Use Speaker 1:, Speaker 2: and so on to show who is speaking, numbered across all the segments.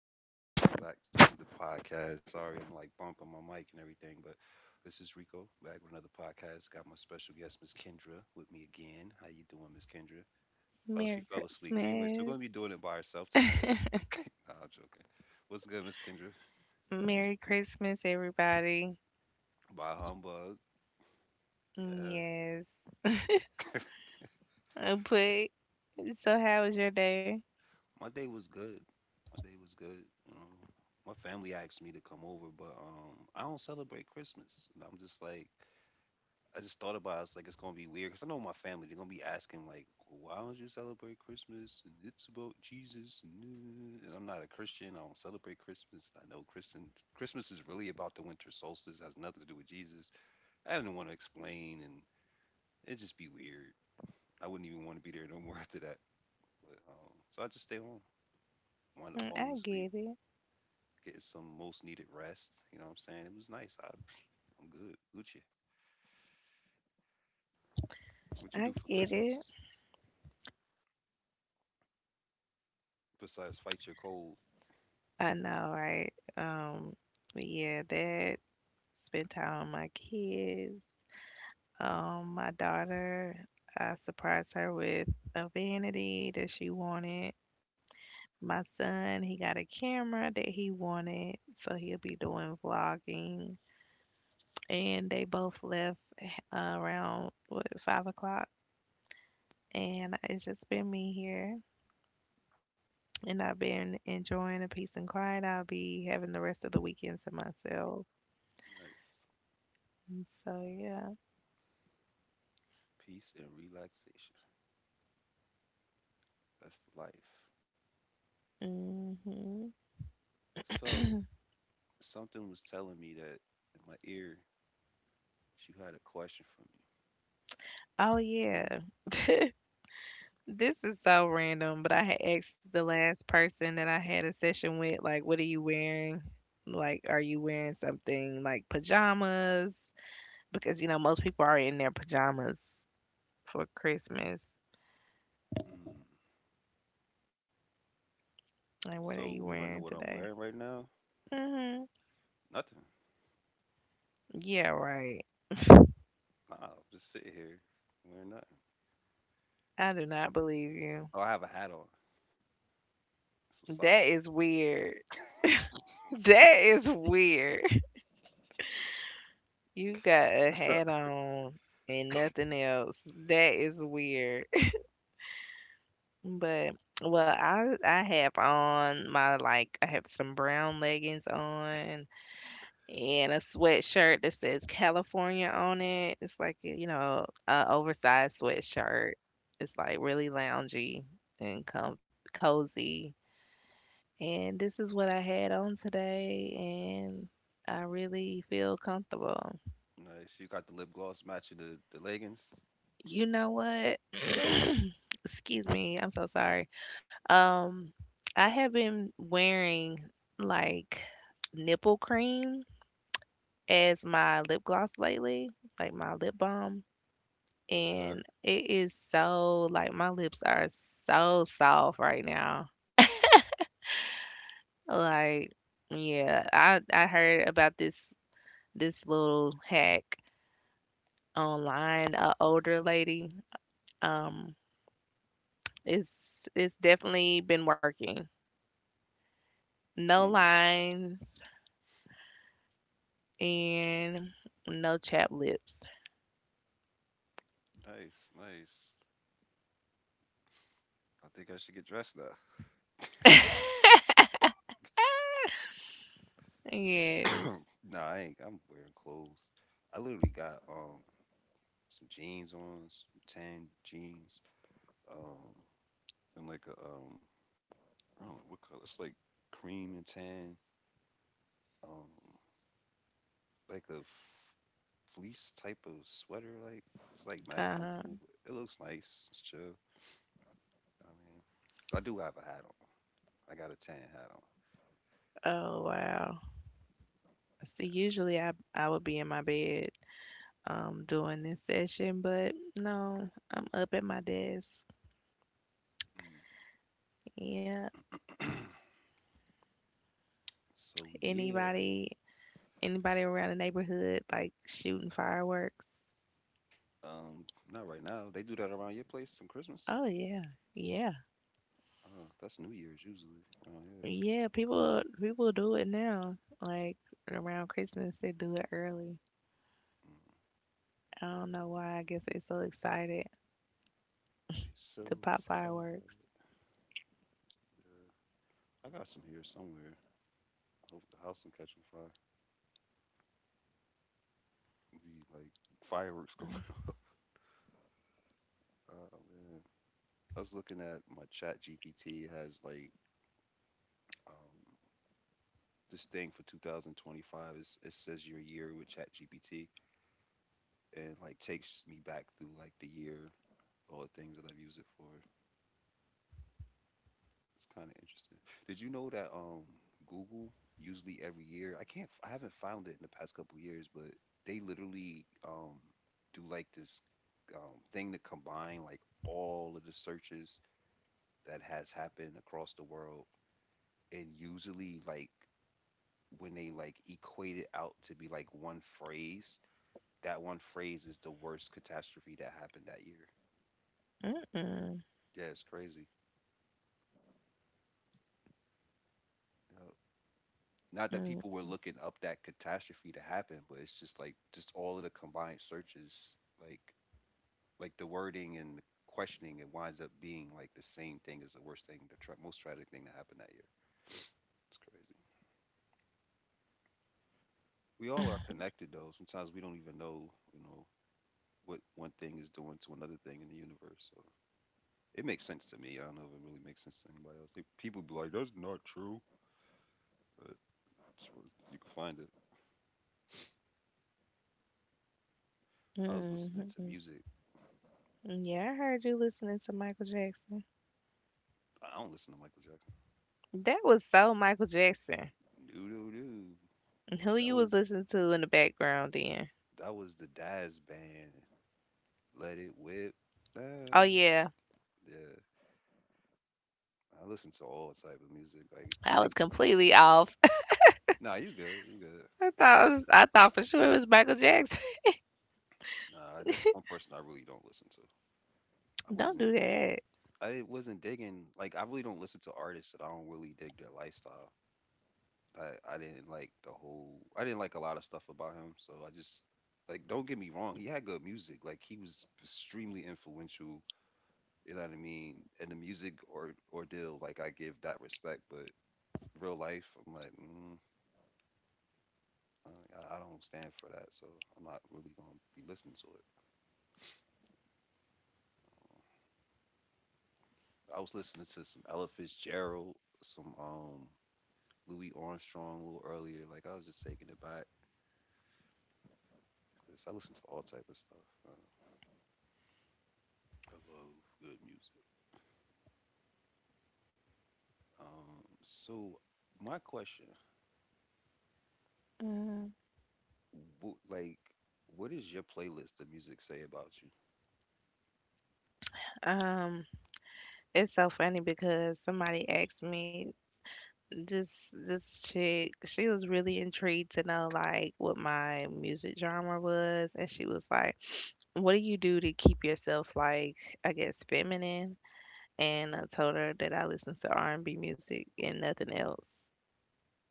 Speaker 1: Peace. Welcome back to the podcast. Sorry, I'm like bumping my mic and everything, but this is Rico back with another podcast. Got my special guest, Miss Kendra, with me again. How you doing, Miss Kendra? Oh, she
Speaker 2: Merry
Speaker 1: fell asleep. Anyway, so we're
Speaker 2: Christmas.
Speaker 1: gonna be doing it by herself tonight. Nah, I'm joking. What's good, Miss Kendra?
Speaker 2: Merry Christmas, everybody.
Speaker 1: By humbug. Yeah.
Speaker 2: Yes. But so, how was your day?
Speaker 1: My day was good. My day was good. My family asked me to come over, but I don't celebrate Christmas, and I'm just like. I just thought about it. I was like, it's gonna be weird because I know my family. They're gonna be asking like, why don't you celebrate Christmas? And it's about Jesus. And I'm not a Christian. I don't celebrate Christmas. I know Christian Christmas is really about the winter solstice. It has nothing to do with Jesus. I didn't want to explain, and it'd just be weird. I wouldn't even want to be there no more after that. But so I just stay home, wind up falling
Speaker 2: I
Speaker 1: asleep,
Speaker 2: get it.
Speaker 1: getting some most needed rest. You know what I'm saying? It was nice. I'm good. Gucci, what you do
Speaker 2: I
Speaker 1: for
Speaker 2: get it.
Speaker 1: Christmas besides fight your cold?
Speaker 2: I know, right? But yeah, that spent time with my kids. My daughter, I surprised her with a vanity that she wanted. My son, he got a camera that he wanted, so he'll be doing vlogging. And they both left around what, 5 o'clock. And it's just been me here, and I've been enjoying a peace and quiet. I'll be having the rest of the weekend to myself.
Speaker 1: Nice.
Speaker 2: And so yeah.
Speaker 1: Peace and relaxation. That's the life.
Speaker 2: hmm
Speaker 1: So something was telling me that in my ear, she had a question for me.
Speaker 2: Oh yeah. This is so random, but I had asked the last person that I had a session with, like, what are you wearing? Like, are you wearing something like pajamas? Because you know most people are in their pajamas for Christmas.
Speaker 1: Mm.
Speaker 2: Like, what are you
Speaker 1: So you want to know
Speaker 2: wearing
Speaker 1: what I'm
Speaker 2: today?
Speaker 1: wearing right now?
Speaker 2: Hmm
Speaker 1: Nothing.
Speaker 2: Yeah, right.
Speaker 1: Nah, I'm just sitting here wearing nothing.
Speaker 2: I do not believe you.
Speaker 1: Oh, I have a hat on, some socks.
Speaker 2: That is weird. That is weird. You got a hat on and nothing else. That is weird. But well, I have on my like I have some brown leggings on and a sweatshirt that says California on it. It's like, eh, you know, a oversized sweatshirt. It's like really loungy and cozy. And this is what I had on today, and I really feel comfortable.
Speaker 1: Nice. You got the lip gloss matching the leggings.
Speaker 2: You know what? Excuse me. I'm so sorry. Um, I have been wearing like nipple cream as my lip gloss lately, like my lip balm, and
Speaker 1: Okay.
Speaker 2: it is so like my lips are so soft right now. Like, yeah, I heard about this little hack online. A older lady, um, it's definitely been working. No
Speaker 1: Hmm.
Speaker 2: lines and no chap lips.
Speaker 1: Nice. Nice. I think I should get dressed now.
Speaker 2: Yes.
Speaker 1: Nah, I ain't. I'm wearing clothes. I literally got some jeans on, some tan jeans, um, and like a I don't know what color. It's like cream and tan, um, like a fleece type of sweater. Like it's like mad
Speaker 2: Uh-huh.
Speaker 1: comfortable. It looks nice. It's chill. I mean, I do have a hat on. I got a tan hat
Speaker 2: Oh wow. See, usually I would be in my bed during this session, but no, I'm up at my desk. Yeah,
Speaker 1: on. Mm. So
Speaker 2: anybody anybody around the neighborhood like shooting fireworks?
Speaker 1: um, not right now. They do that around your place on Christmas.
Speaker 2: Oh yeah. Yeah.
Speaker 1: That's New Year's usually around here.
Speaker 2: Yeah, people do it now. Like around Christmas they do it early.
Speaker 1: Mm.
Speaker 2: I don't know why. I guess they're so excited
Speaker 1: It's so
Speaker 2: to pop
Speaker 1: sad.
Speaker 2: fireworks.
Speaker 1: Uh, I got some here somewhere. Hope the house don't catch on fire. It'd be like fireworks going off. Oh man. I was looking at my chat GPT has like um this thing for 2025 is it says your year with chat GPT and like takes me back through like the year, all the things that I've used it for. It's kind of interesting. Did you know that Google usually every year, I haven't found it in the past couple years, but they literally do like this thing to combine like all of the searches that has happened across the world and usually like when they like equate it out to be like one phrase, that one phrase is the worst catastrophe that happened that year.
Speaker 2: Mm-mm,
Speaker 1: Yeah, it's crazy. Yeah. Not that
Speaker 2: mm-mm,
Speaker 1: people were looking up that catastrophe to happen, but it's just like just all of the combined searches, like like the wording and the questioning, it winds up being like the same thing as the worst thing, most tragic thing that happened that year. It's crazy. We all are connected, though. Sometimes we don't even know, you know, what one thing is doing to another thing in the universe. So it makes sense to me. I don't know if it really makes sense to anybody else. They, people be like, "That's not true," but it's where you can find it. I was listening to
Speaker 2: mm-mm.
Speaker 1: music.
Speaker 2: Yeah, I heard you listening to Michael Jackson.
Speaker 1: I don't listen to Michael Jackson.
Speaker 2: That was so Michael Jackson.
Speaker 1: Doo doo doo.
Speaker 2: And who
Speaker 1: That
Speaker 2: you was
Speaker 1: was
Speaker 2: listening to in the background then?
Speaker 1: that was the Daz band. Let it whip.
Speaker 2: Oh
Speaker 1: Ah,
Speaker 2: yeah,
Speaker 1: yeah, I listen to all type of music.
Speaker 2: I was completely off.
Speaker 1: Nah, you good, you good.
Speaker 2: I thought for sure it was Michael Jackson.
Speaker 1: Nah, that's one person I really don't listen to. I
Speaker 2: Don't
Speaker 1: wasn't
Speaker 2: do that.
Speaker 1: I wasn't digging. Like I really don't listen to artists that I don't really dig their lifestyle. I didn't like the whole I didn't like a lot of stuff about him. So I just like don't get me wrong, he had good music. Like he was extremely influential, you know what I mean? And the music or ordeal, like I give that respect, but real life, I'm like, mm, I don't stand for that. So I'm not really gonna be listening to it. Um, I was listening to some Ella Fitzgerald, some Louis Armstrong a little earlier. Like I was just taking it back, 'cause I listen to all type of stuff. I love good music. So my question,
Speaker 2: Mm,
Speaker 1: like, what does your playlist of music say about you?
Speaker 2: Um, it's so funny because somebody asked me this chick. She was really intrigued to know like what my music genre was, and she was like, "What do you do to keep yourself like I guess feminine?" And I told her that I listen to R and B music and nothing else.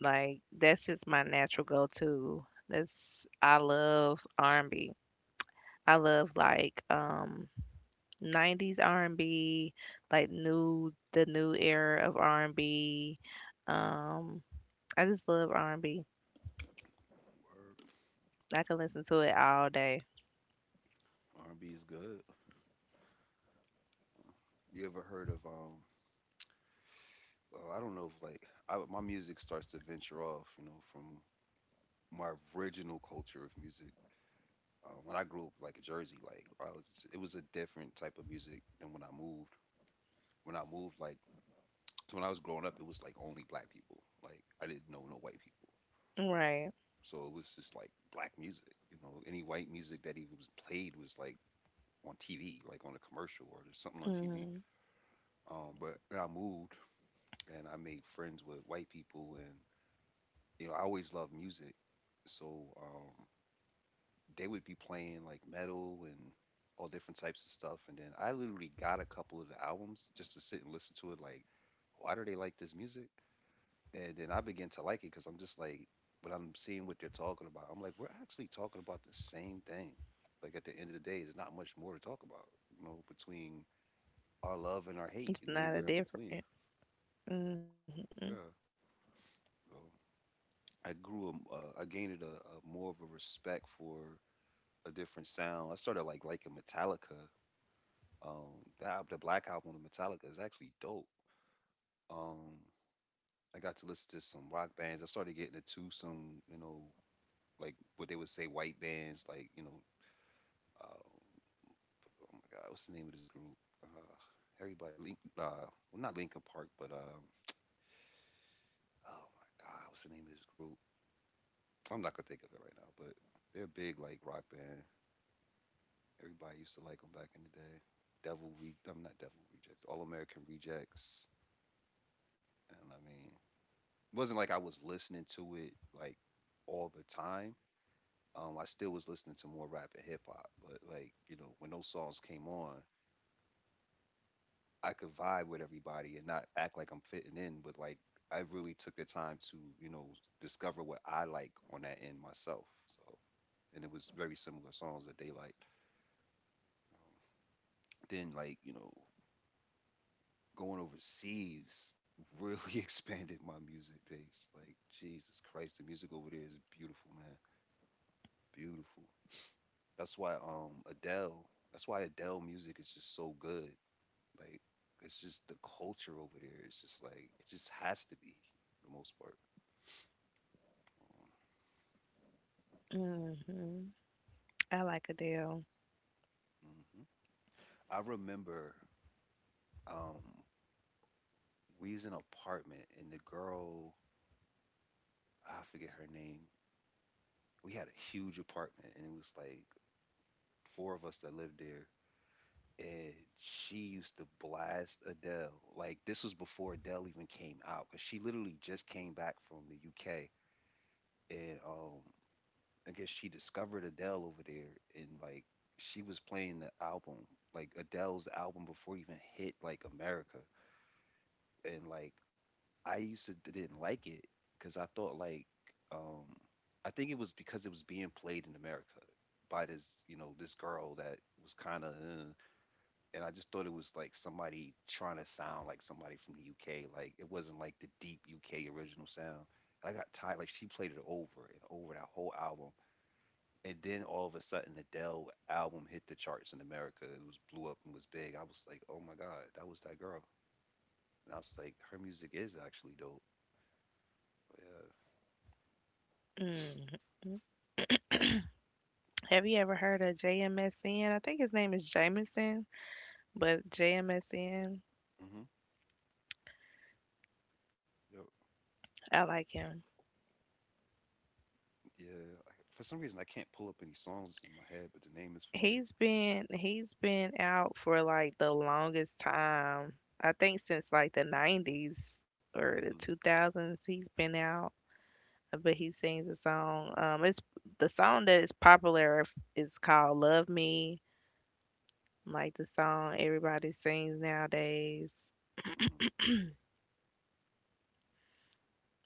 Speaker 2: Like that's just my natural go-to. That's I love r and B. I love like 90s R&B, like new the new era of R&B. Um I just love r and B.
Speaker 1: Word.
Speaker 2: I can listen to it all day.
Speaker 1: R&B is good. You ever heard of um? Well, I don't know if like my music starts to venture off, you know, from my original culture of music. When I grew up, like in Jersey, it was a different type of music than when I moved. When I moved, like so when I was growing up, it was like only black people. Like I didn't know no white people.
Speaker 2: Right.
Speaker 1: So it was just like black music, you know. Any white music that even was played was like on TV, like on a commercial or there's something on TV.
Speaker 2: hmm
Speaker 1: But then I moved and I made friends with white people, and you know I always loved music, so they would be playing like metal and all different types of stuff. And then I literally got a couple of the albums just to sit and listen to it. Like, why do they like this music? And then I begin to like it because I'm just like, when I'm seeing what they're talking about, I'm like, we're actually talking about the same thing. Like at the end of the day, there's not much more to talk about, you know, between our love and our hate
Speaker 2: It's
Speaker 1: and
Speaker 2: not a
Speaker 1: anywhere in between.
Speaker 2: different. Mm-hmm.
Speaker 1: Yeah. So I gained a more of a respect for a different sound. I started like liking Metallica. Um, the Black Album of Metallica is actually dope. Um, I got to listen to some rock bands. I started getting into some, you know, like what they would say white bands, like you know. Um, oh my God, what's the name of this group? Uh, everybody, well, not Lincoln Park, but oh my God, what's the name of this group? I'm not gonna think of it right now, but they're a big like rock band. Everybody used to like them back in the day. I'm not Devil Rejects, All American Rejects, and I mean, it wasn't like I was listening to it like all the time. I still was listening to more rap and hip hop, but like you know, when those songs came on, I could vibe with everybody and not act like I'm fitting in, but like I really took the time to, you know, discover what I like on that end myself. So, and it was very similar songs that they liked. Um, then, like, you know, going overseas really expanded my music taste. Like, Jesus Christ, the music over there is beautiful, man. Beautiful. That's why Adele, that's why Adele music is just so good. Like, it's just the culture over there. It's just like it just has to be for the most part.
Speaker 2: hmm I like Adele.
Speaker 1: Hmm. I remember um we was in an apartment and the girl, I forget her name. We had a huge apartment and it was like 4 of us that lived there. And she used to blast Adele. Like this was before Adele even came out, because she literally just came back from the UK. And I guess she discovered Adele over there and like she was playing the album, like Adele's album before it even hit like America, and like I used to didn't like it because I thought like um I think it was because it was being played in America by this, you know, this girl that was kind of and I just thought it was like somebody trying to sound like somebody from the UK, like it wasn't like the deep UK original sound. And I got tired like she played it over and over that whole album, and then all of a sudden Adele album hit the charts in America. It was blew up and was big. I was like, oh my god, that was that girl. And I was like, her music is actually dope. Yeah.
Speaker 2: Mm-hmm. Have you ever heard of JMSN? I think his name is Jamison, but JMSN.
Speaker 1: Hmm. Yo,
Speaker 2: I like him.
Speaker 1: yeah. I, for some reason, I can't pull up any songs in my head, but the name is familiar.
Speaker 2: He's been out for like the longest time. I think since like the 90s or the
Speaker 1: Hmm.
Speaker 2: 2000s he's been out, but he sings a song. It's the song that is popular is called Love Me, like the song everybody sings nowadays.
Speaker 1: Hmm.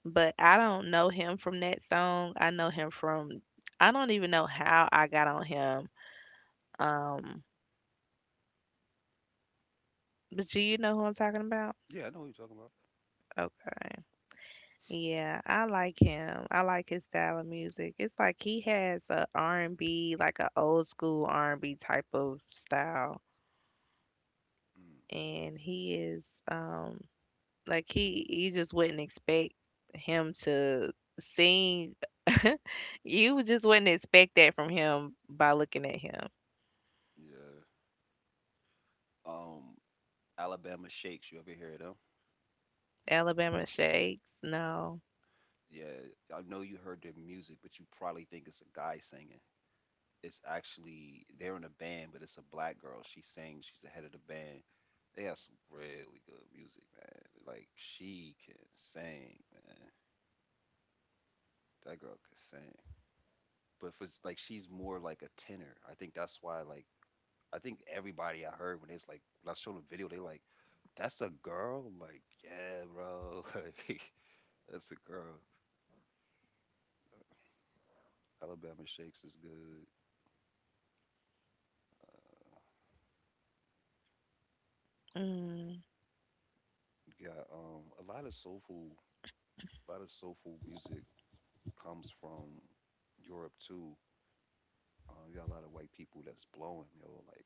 Speaker 2: But I don't know him from that song. I don't even know how I got on him. Um but do you know who I'm talking about?
Speaker 1: Yeah, I know what you're talking about.
Speaker 2: Okay. Yeah, I like him. I like his style of music. It's like he has a R and b like a old school R&B type of style,
Speaker 1: Mm,
Speaker 2: and he is like he you just wouldn't expect him to sing. You just wouldn't expect that from him by looking at him.
Speaker 1: yeah. Um, Alabama Shakes. You ever hear them?
Speaker 2: Alabama Shakes, no.
Speaker 1: Yeah, I know you heard their music, but you probably think it's a guy singing. It's actually they're in a band, but it's a black girl. She sings. She's the head of the band. They got some really good music, man. Like she can sing, man. That girl can sing. But if it's like she's more like a tenor, I think that's why like I think everybody I heard when it's like when I showed them video, they like, "That's a girl." Like, yeah, bro. Like, that's a girl. Alabama Shakes is good. Uh,
Speaker 2: Mm,
Speaker 1: got a lot of soulful, a lot of soulful music comes from Europe too. You got a lot of white people that's blowing, yo. Like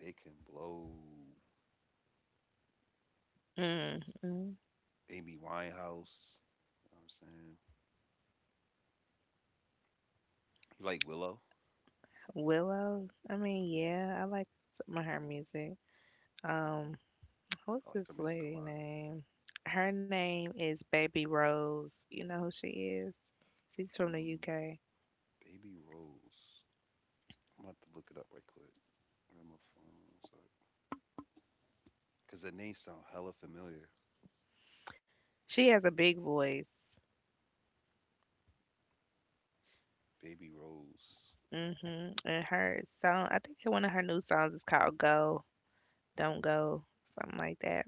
Speaker 1: they can blow.
Speaker 2: mm, mm.
Speaker 1: Amy Winehouse. You know what I'm saying? You like Willow?
Speaker 2: Willow, I mean,
Speaker 1: Hmm.
Speaker 2: yeah, I like some of her music. Um, What's
Speaker 1: I like
Speaker 2: this
Speaker 1: her music a
Speaker 2: lady
Speaker 1: lot.
Speaker 2: name? Her name is Baby Rose. You know who she is? She's from the
Speaker 1: Mm,
Speaker 2: UK.
Speaker 1: Baby Rose. I'm about to look it up right quick. Gramophone. What's Cause that name sound hella familiar.
Speaker 2: She has a big voice.
Speaker 1: Baby Rose.
Speaker 2: Hmm And her song, I think one of her new songs is called Go, Don't Go, something like that.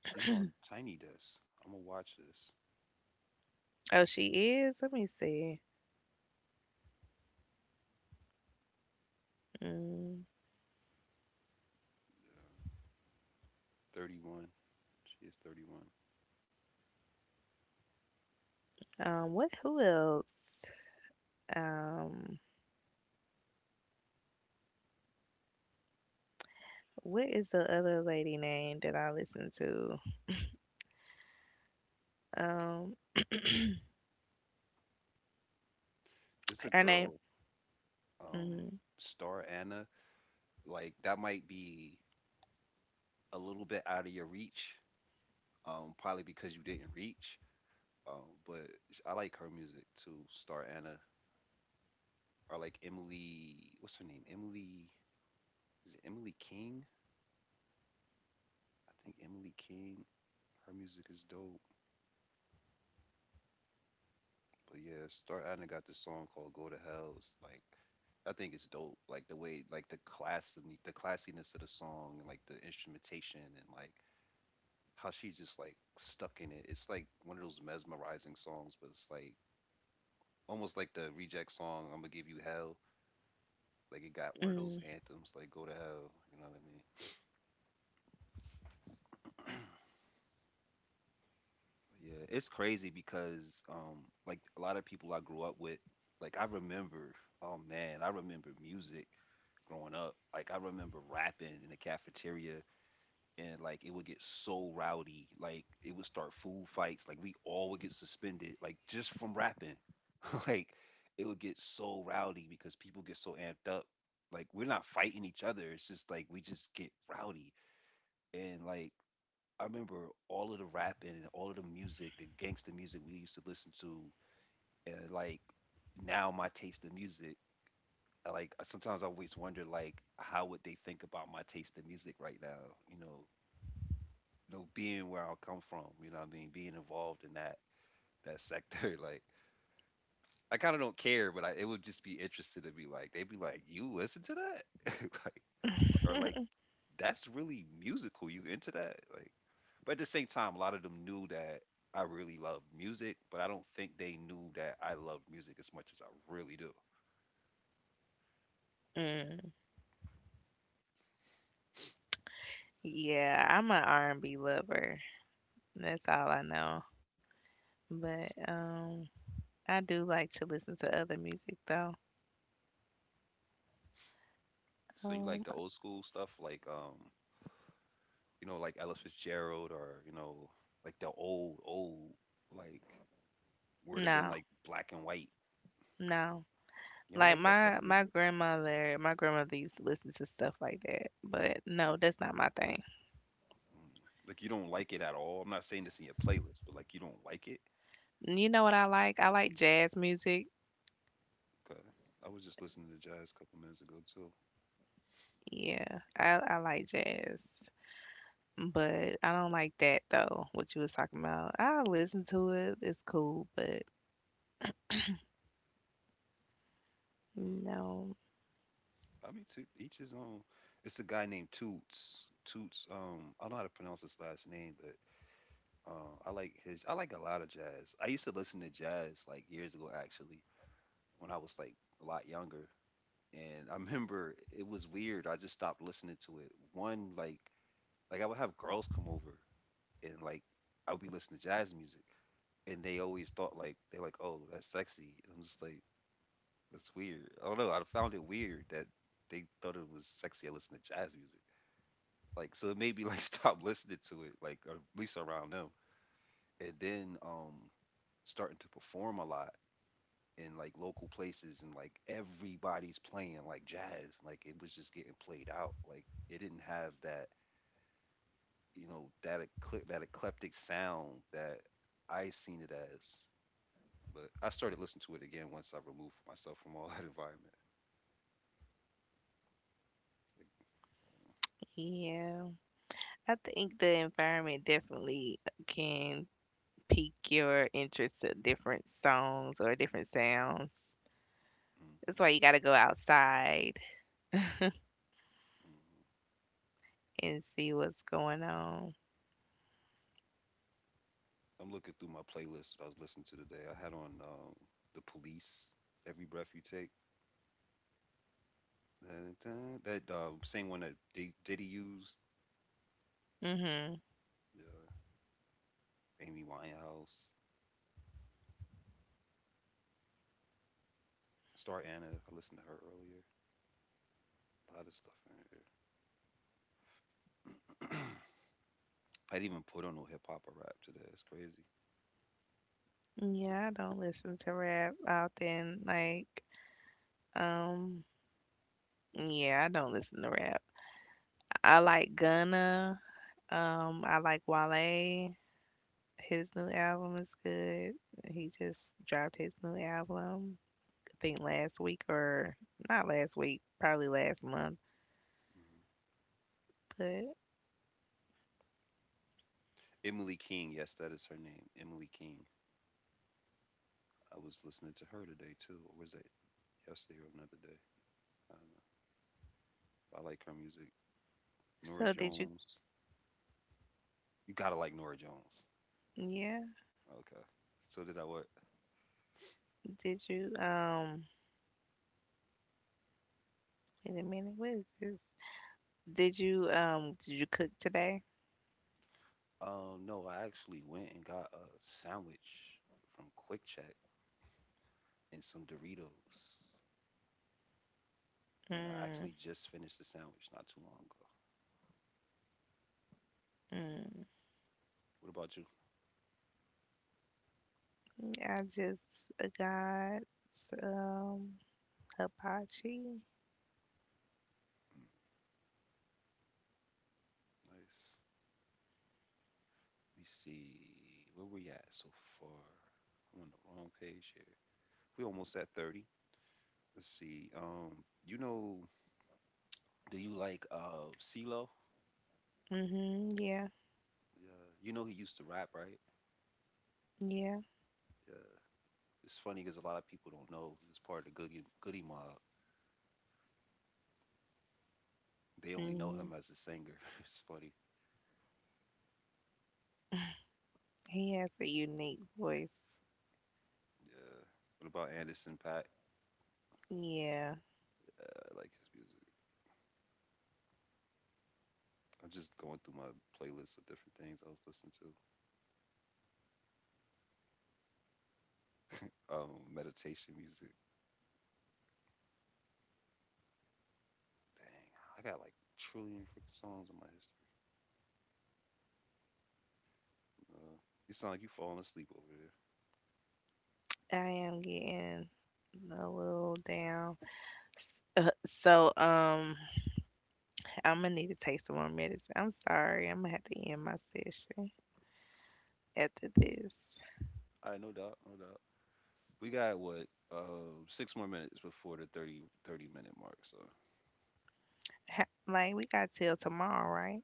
Speaker 1: She's on Tiny Desk. I'm gonna watch this.
Speaker 2: Oh, she is? Let me see. Mm,
Speaker 1: Yeah. 31. She is 31.
Speaker 2: what, who else? Um, what is the other lady name that I listen to? Um,
Speaker 1: This a
Speaker 2: her name.
Speaker 1: girl. Um,
Speaker 2: Mm,
Speaker 1: Star Anna. Like that might be a little bit out of your reach. Probably because you didn't reach. But I like her music too. Star Anna or like Emily. What's her name? Emily. Is it Emily King? I think Emily King. Her music is dope. But yeah, start. Adna got this song called "Go to Hell." It's like I think it's dope. Like the way, like the classiness of the song, and like the instrumentation, and like how she's just like stuck in it. It's like one of those mesmerizing songs, but it's like almost like the reject song "I'm gonna give you hell." Like it got one of those
Speaker 2: mm,
Speaker 1: anthems, like "Go to Hell." You know what I mean? Yeah, it's crazy because like a lot of people I grew up with, like I remember, oh man, I remember music growing up. Like I remember rapping in the cafeteria and like it would get so rowdy. Like it would start food fights. Like we all would get suspended like just from rapping. Like it would get so rowdy because people get so amped up. Like we're not fighting each other. It's just like we just get rowdy. And like I remember all of the rapping and all of the music, the gangster music we used to listen to, and like now my taste in music. I like sometimes I always wonder, like, how would they think about my taste in music right now? You know, being where I come from, you know what I mean, being involved in that sector. Like, I kind of don't care, but it would just be interesting to be like, they'd be like, you listen to that? like. Or like that's really musical. You into that? Like, but at the same time, a lot of them knew that I really love music, but I don't think they knew that I love music as much as I really do.
Speaker 2: mm. Yeah, I'm an R&B lover. That's all I know. But I do like to listen to other music though.
Speaker 1: So you like the
Speaker 2: Um
Speaker 1: old school stuff, like you know, like Ella Fitzgerald, or you know, like the old old, like where it have been
Speaker 2: no,
Speaker 1: like black and white.
Speaker 2: no.
Speaker 1: You don't
Speaker 2: Like
Speaker 1: like that type
Speaker 2: my
Speaker 1: of
Speaker 2: my
Speaker 1: music?
Speaker 2: grandmother, my grandmother used to listen to stuff like that. But no, that's not my thing.
Speaker 1: Mm. Like you don't like it at all. I'm not saying this in your playlist, but like you don't like it.
Speaker 2: You know what I like? I like jazz music.
Speaker 1: Okay, I was just listening to jazz a couple minutes ago too.
Speaker 2: Yeah, I like jazz. But I don't like that though, what you was talking about. I listen to it. It's cool, but
Speaker 1: Mm.
Speaker 2: no.
Speaker 1: I mean, to each his own. It's a guy named Toots. Toots. I don't know how to pronounce his last name, but I like his. I like a lot of jazz. I used to listen to jazz like years ago, actually, when I was like a lot younger. And I remember it was weird. I just stopped listening to it. One, like I would have girls come over, and like I would be listening to jazz music, and they always thought like they're like, oh, that's sexy. And I'm just like, that's weird. I don't know. I found it weird that they thought it was sexy. I listen to jazz music. Like so it made me like stop listening to it, like or at least around them. And then starting to perform a lot in like local places and like everybody's playing like jazz. Like it was just getting played out. Like it didn't have that, you know, that that eclectic sound that I seen it as. But I started listening to it again once I removed myself from all that environment. Like, uh,
Speaker 2: Yeah. I think the environment definitely can pique your interest to different songs or different sounds.
Speaker 1: mm-hmm,
Speaker 2: That's why you got to go outside
Speaker 1: mm-hmm.
Speaker 2: and see what's going on.
Speaker 1: I'm looking through my playlist that I was listening to today. I had on the Police, "Every Breath You Take." Dun, dun. That same one that Diddy used,
Speaker 2: Mhm.
Speaker 1: uh, Amy Winehouse, Star Anna. I listened to her earlier. A lot of stuff in here. I didn't even put on no hip hop or rap today. It's crazy.
Speaker 2: Yeah, I don't listen to rap often. Like, um, yeah, I don't listen to rap. I like Gunna. I like Wale. His new album is good. He just dropped his new album. Think last week or not last week, probably last month.
Speaker 1: hmm
Speaker 2: But
Speaker 1: Emily King, yes, that is her name. Emily King. I was listening to her today too, or was that yesterday or another day? I don't know. I like her music. Nora
Speaker 2: so did you?
Speaker 1: Jones. You gotta like Nora Jones.
Speaker 2: Yeah,
Speaker 1: Okay. So did I what?
Speaker 2: did you? Wait a minute, what is this? Did you? Did you cook today?
Speaker 1: No, I actually went and got a sandwich from Quick Check and some Doritos, and I actually
Speaker 2: Mm,
Speaker 1: just finished the sandwich not too long ago.
Speaker 2: mm.
Speaker 1: What about you?
Speaker 2: Yeah, I just got um hibachi.
Speaker 1: Mm, nice. Let me see where we at so far. I'm on the wrong page here. We almost at 30. Let's see. You know, do you like CeeLo?
Speaker 2: Mhm. Yeah.
Speaker 1: Yeah, you know he used to rap, right?
Speaker 2: Yeah.
Speaker 1: Yeah. It's funny because a lot of people don't know he was part of the Goody Goody Mob. They only know
Speaker 2: Mhm.
Speaker 1: him as a singer. It's funny.
Speaker 2: He has a unique voice.
Speaker 1: Yeah. What about Anderson Paak?
Speaker 2: Yeah,
Speaker 1: I like his music. I'm just going through my playlist of different things I was listening to. Meditation music. Dang, I got like a trillion freaking songs in my history. No, you sound like you falling asleep over there.
Speaker 2: I am getting a little down. S- uh, so um I'm gonna need to take some more medicine. I'm sorry. I'm gonna have to end my session after this.
Speaker 1: All right, no doubt, no doubt. We got what? Six more minutes before the thirty minute mark. So,
Speaker 2: Ha- Like we got till tomorrow, right?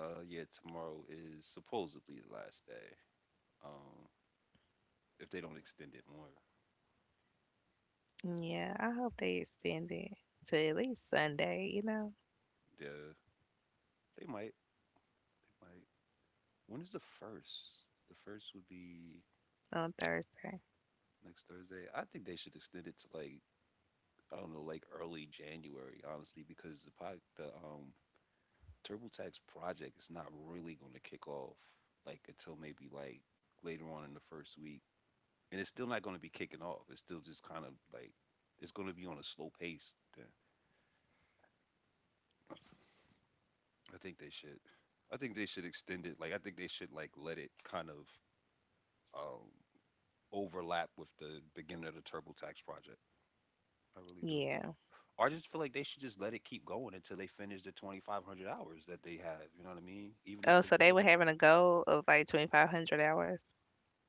Speaker 1: yeah, tomorrow is supposedly the last day. Um, if they don't extend it more,
Speaker 2: Yeah. I hope they extend it to at least Sunday. You know,
Speaker 1: yeah, they might. They might. When is the first? The first would be
Speaker 2: on Thursday.
Speaker 1: next Thursday. I think they should extend it to like I don't know, like early January, honestly, because the TurboTax project is not really going to kick off like until maybe like later on in the first week, and it's still not going to be kicking off. It's still just kind of like it's going to be on a slow pace. Then I think they should. I think they should extend it. Like I think they should like let it kind of um overlap with the beginning of the TurboTax project. I really do.
Speaker 2: Yeah.
Speaker 1: I just feel like they should just let it keep going until they finish the 2,500 hours that they have. You know what I mean? Even if
Speaker 2: Oh, so
Speaker 1: it's
Speaker 2: they
Speaker 1: over,
Speaker 2: were having a goal of like 2,500 hours.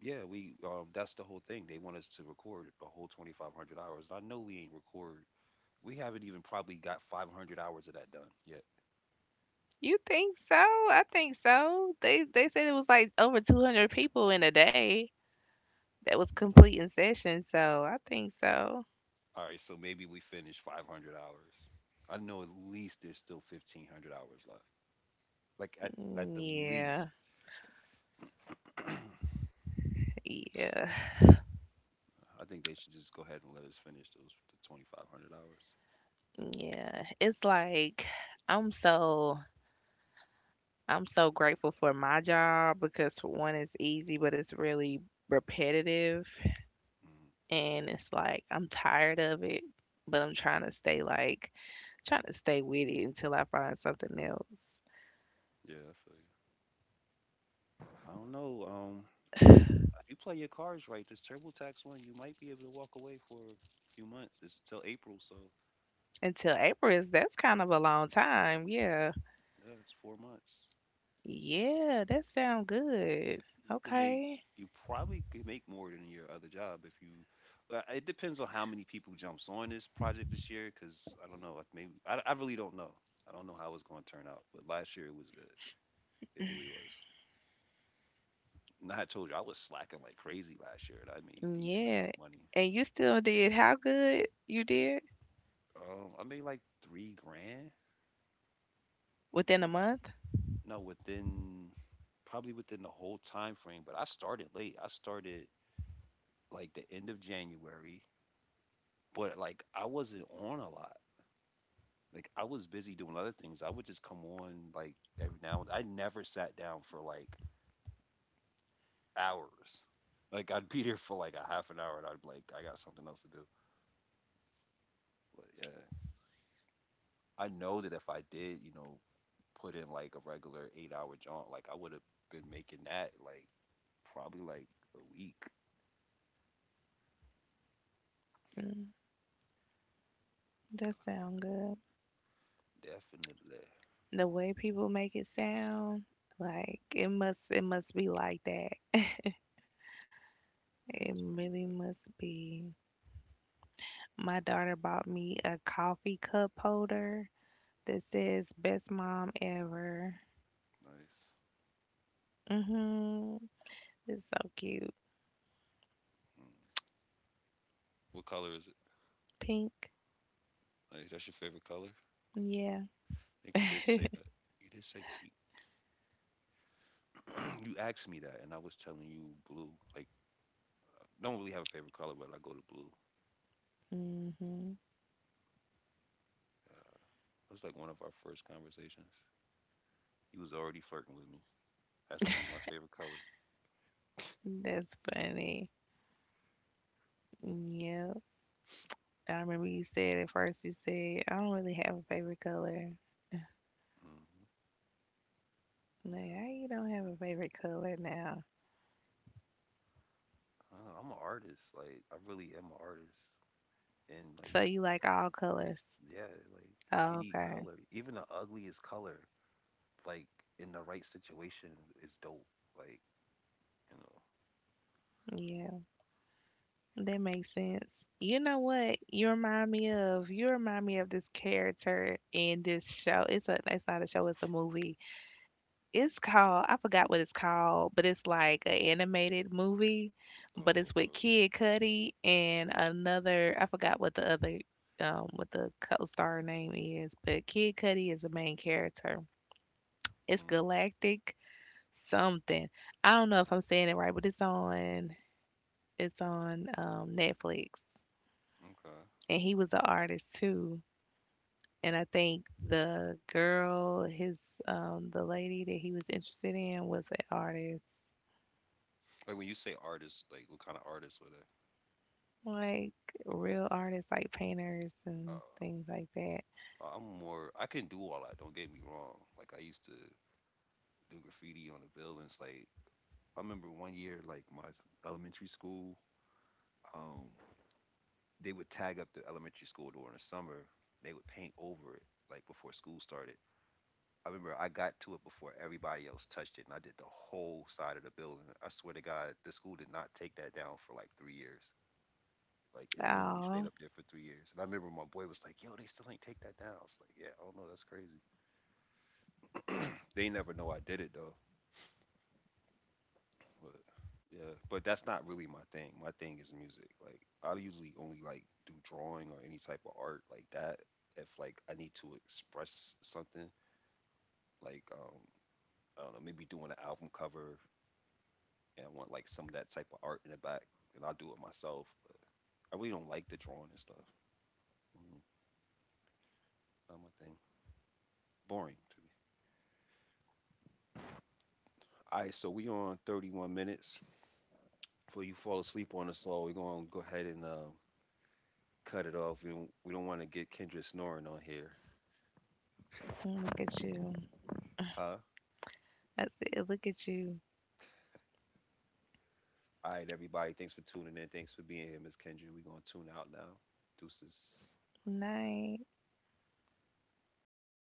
Speaker 1: yeah, we that's the whole thing. They want us to record the whole 2,500 hours. I know we ain't record. We haven't even probably got 500 hours of that done yet.
Speaker 2: You think so? I think so. They said it was like over 200 people in a day that was
Speaker 1: Mm.
Speaker 2: completing sessions. So I think so.
Speaker 1: All right, so maybe we finish 500 hours. I know at least there's still 1,500 hours left. Like at
Speaker 2: Mm,
Speaker 1: the least,
Speaker 2: yeah. Yeah.
Speaker 1: I think they should just go ahead and let us finish those the 2,500 hours.
Speaker 2: Yeah, it's like I'm so I'm so grateful for my job because for one it's easy, but it's really repetitive,
Speaker 1: Mm.
Speaker 2: and it's like I'm tired of it, but I'm trying to stay like trying to stay with it until I find something else.
Speaker 1: Yeah, I feel you. I don't know. If you if you play your cards right, this TurboTax one, you might be able to walk away for a few months. It's till April, so
Speaker 2: Until April is that's kind of a long time. Yeah.
Speaker 1: yeah, it's 4 months.
Speaker 2: Yeah, that sound good.
Speaker 1: You can make
Speaker 2: Okay.
Speaker 1: you probably could make more than your other job if you. But it depends on how many people jumps on this project this year, because I don't know. Like maybe I really don't know. I don't know how it's going to turn out. But last year it was good. It really was. And I told you I was slacking like crazy last year, and I made
Speaker 2: Mm,
Speaker 1: decent amount
Speaker 2: yeah.
Speaker 1: of money.
Speaker 2: And you still did how good you did
Speaker 1: I made like 3 grand
Speaker 2: within a month?
Speaker 1: no, within probably within the whole time frame, but I started late. I started like the end of January, but like I wasn't on a lot. Like I was busy doing other things. I would just come on like every now and I never sat down for like hours. Like I'd be there for like a half an hour and I'd be like, I got something else to do. But yeah. I know that if I did, you know, put in like a regular 8-hour jaunt, like I would have been making that like probably like a week.
Speaker 2: Mm, that sound good.
Speaker 1: Definitely.
Speaker 2: The way people make it sound, like it must be like that.
Speaker 1: Yeah,
Speaker 2: It
Speaker 1: that's pretty
Speaker 2: really
Speaker 1: good.
Speaker 2: must be. My daughter bought me a coffee cup holder that says "Best Mom Ever."
Speaker 1: Nice.
Speaker 2: Mhm. It's so cute.
Speaker 1: Mm. What color is it?
Speaker 2: Pink.
Speaker 1: Like, that's your favorite color? I
Speaker 2: Yeah.
Speaker 1: think you did say that. You did say pink. you asked me that, and I was telling you blue. Like, I don't really have a favorite color, but I go to blue.
Speaker 2: Mhm.
Speaker 1: Uh, that was like one of our first conversations. You was already flirting with me, asking me my favorite color.
Speaker 2: That's funny. Yep. I remember you said at first you said I don't really have a favorite color.
Speaker 1: hmm
Speaker 2: Like, how you don't have a favorite color now?
Speaker 1: I don't know, I'm an artist. Like, I really am an artist. And like,
Speaker 2: So you like all colors?
Speaker 1: yeah, like
Speaker 2: Oh,
Speaker 1: any
Speaker 2: okay.
Speaker 1: color, even the ugliest color, like in the right situation, is dope. Like, you know.
Speaker 2: Yeah, that makes sense. You know what? You remind me of this character in this show. It's a it's not a show, it's a movie. It's called I forgot what it's called, but it's like an animated movie, but
Speaker 1: Oh,
Speaker 2: it's
Speaker 1: Lord.
Speaker 2: with Kid Cudi and another I forgot what the other what the co-star name is, but Kid Cudi is the main character. It's
Speaker 1: Mm,
Speaker 2: Galactic something. I don't know if I'm saying it right, but it's on Netflix.
Speaker 1: okay.
Speaker 2: And he was an artist too. And I think the girl, his the lady that he was interested in was an artist,
Speaker 1: Like when you say artists, like what kind of artists were they?
Speaker 2: like real artists, like painters and
Speaker 1: Oh,
Speaker 2: things like that.
Speaker 1: I'm more. I can do all that. Don't get me wrong. Like I used to do graffiti on the buildings. Like I remember one year, like my elementary school, um, they would tag up the elementary school during the summer. They would paint over it, like before school started. I remember I got to it before everybody else touched it, and I did the whole side of the building. I swear to God, the school did not take that down for like 3 years. Like it literally
Speaker 2: Oh,
Speaker 1: stayed up there for 3 years. And I remember my boy was like, "Yo, they still ain't take that down." I was like, "Yeah, I don't know, that's crazy." They never know I did it though. But yeah, but that's not really my thing. My thing is music. Like I usually only like do drawing or any type of art like that if like I need to express something. Like I don't know, maybe doing an album cover and I want like some of that type of art in the back, and I'll do it myself. But I really don't like the drawing and stuff. Mm, not my thing. Boring to me. All right, so we on 31 minutes. Before you fall asleep on us all, we're gonna go ahead and cut it off. We don't want to get Kendra snoring on here,
Speaker 2: look at you!
Speaker 1: huh?
Speaker 2: That's it. Look at you.
Speaker 1: All right, everybody. Thanks for tuning in. Thanks for being here, Miss Kendra. We're gonna tune out now. Deuces.
Speaker 2: Night. So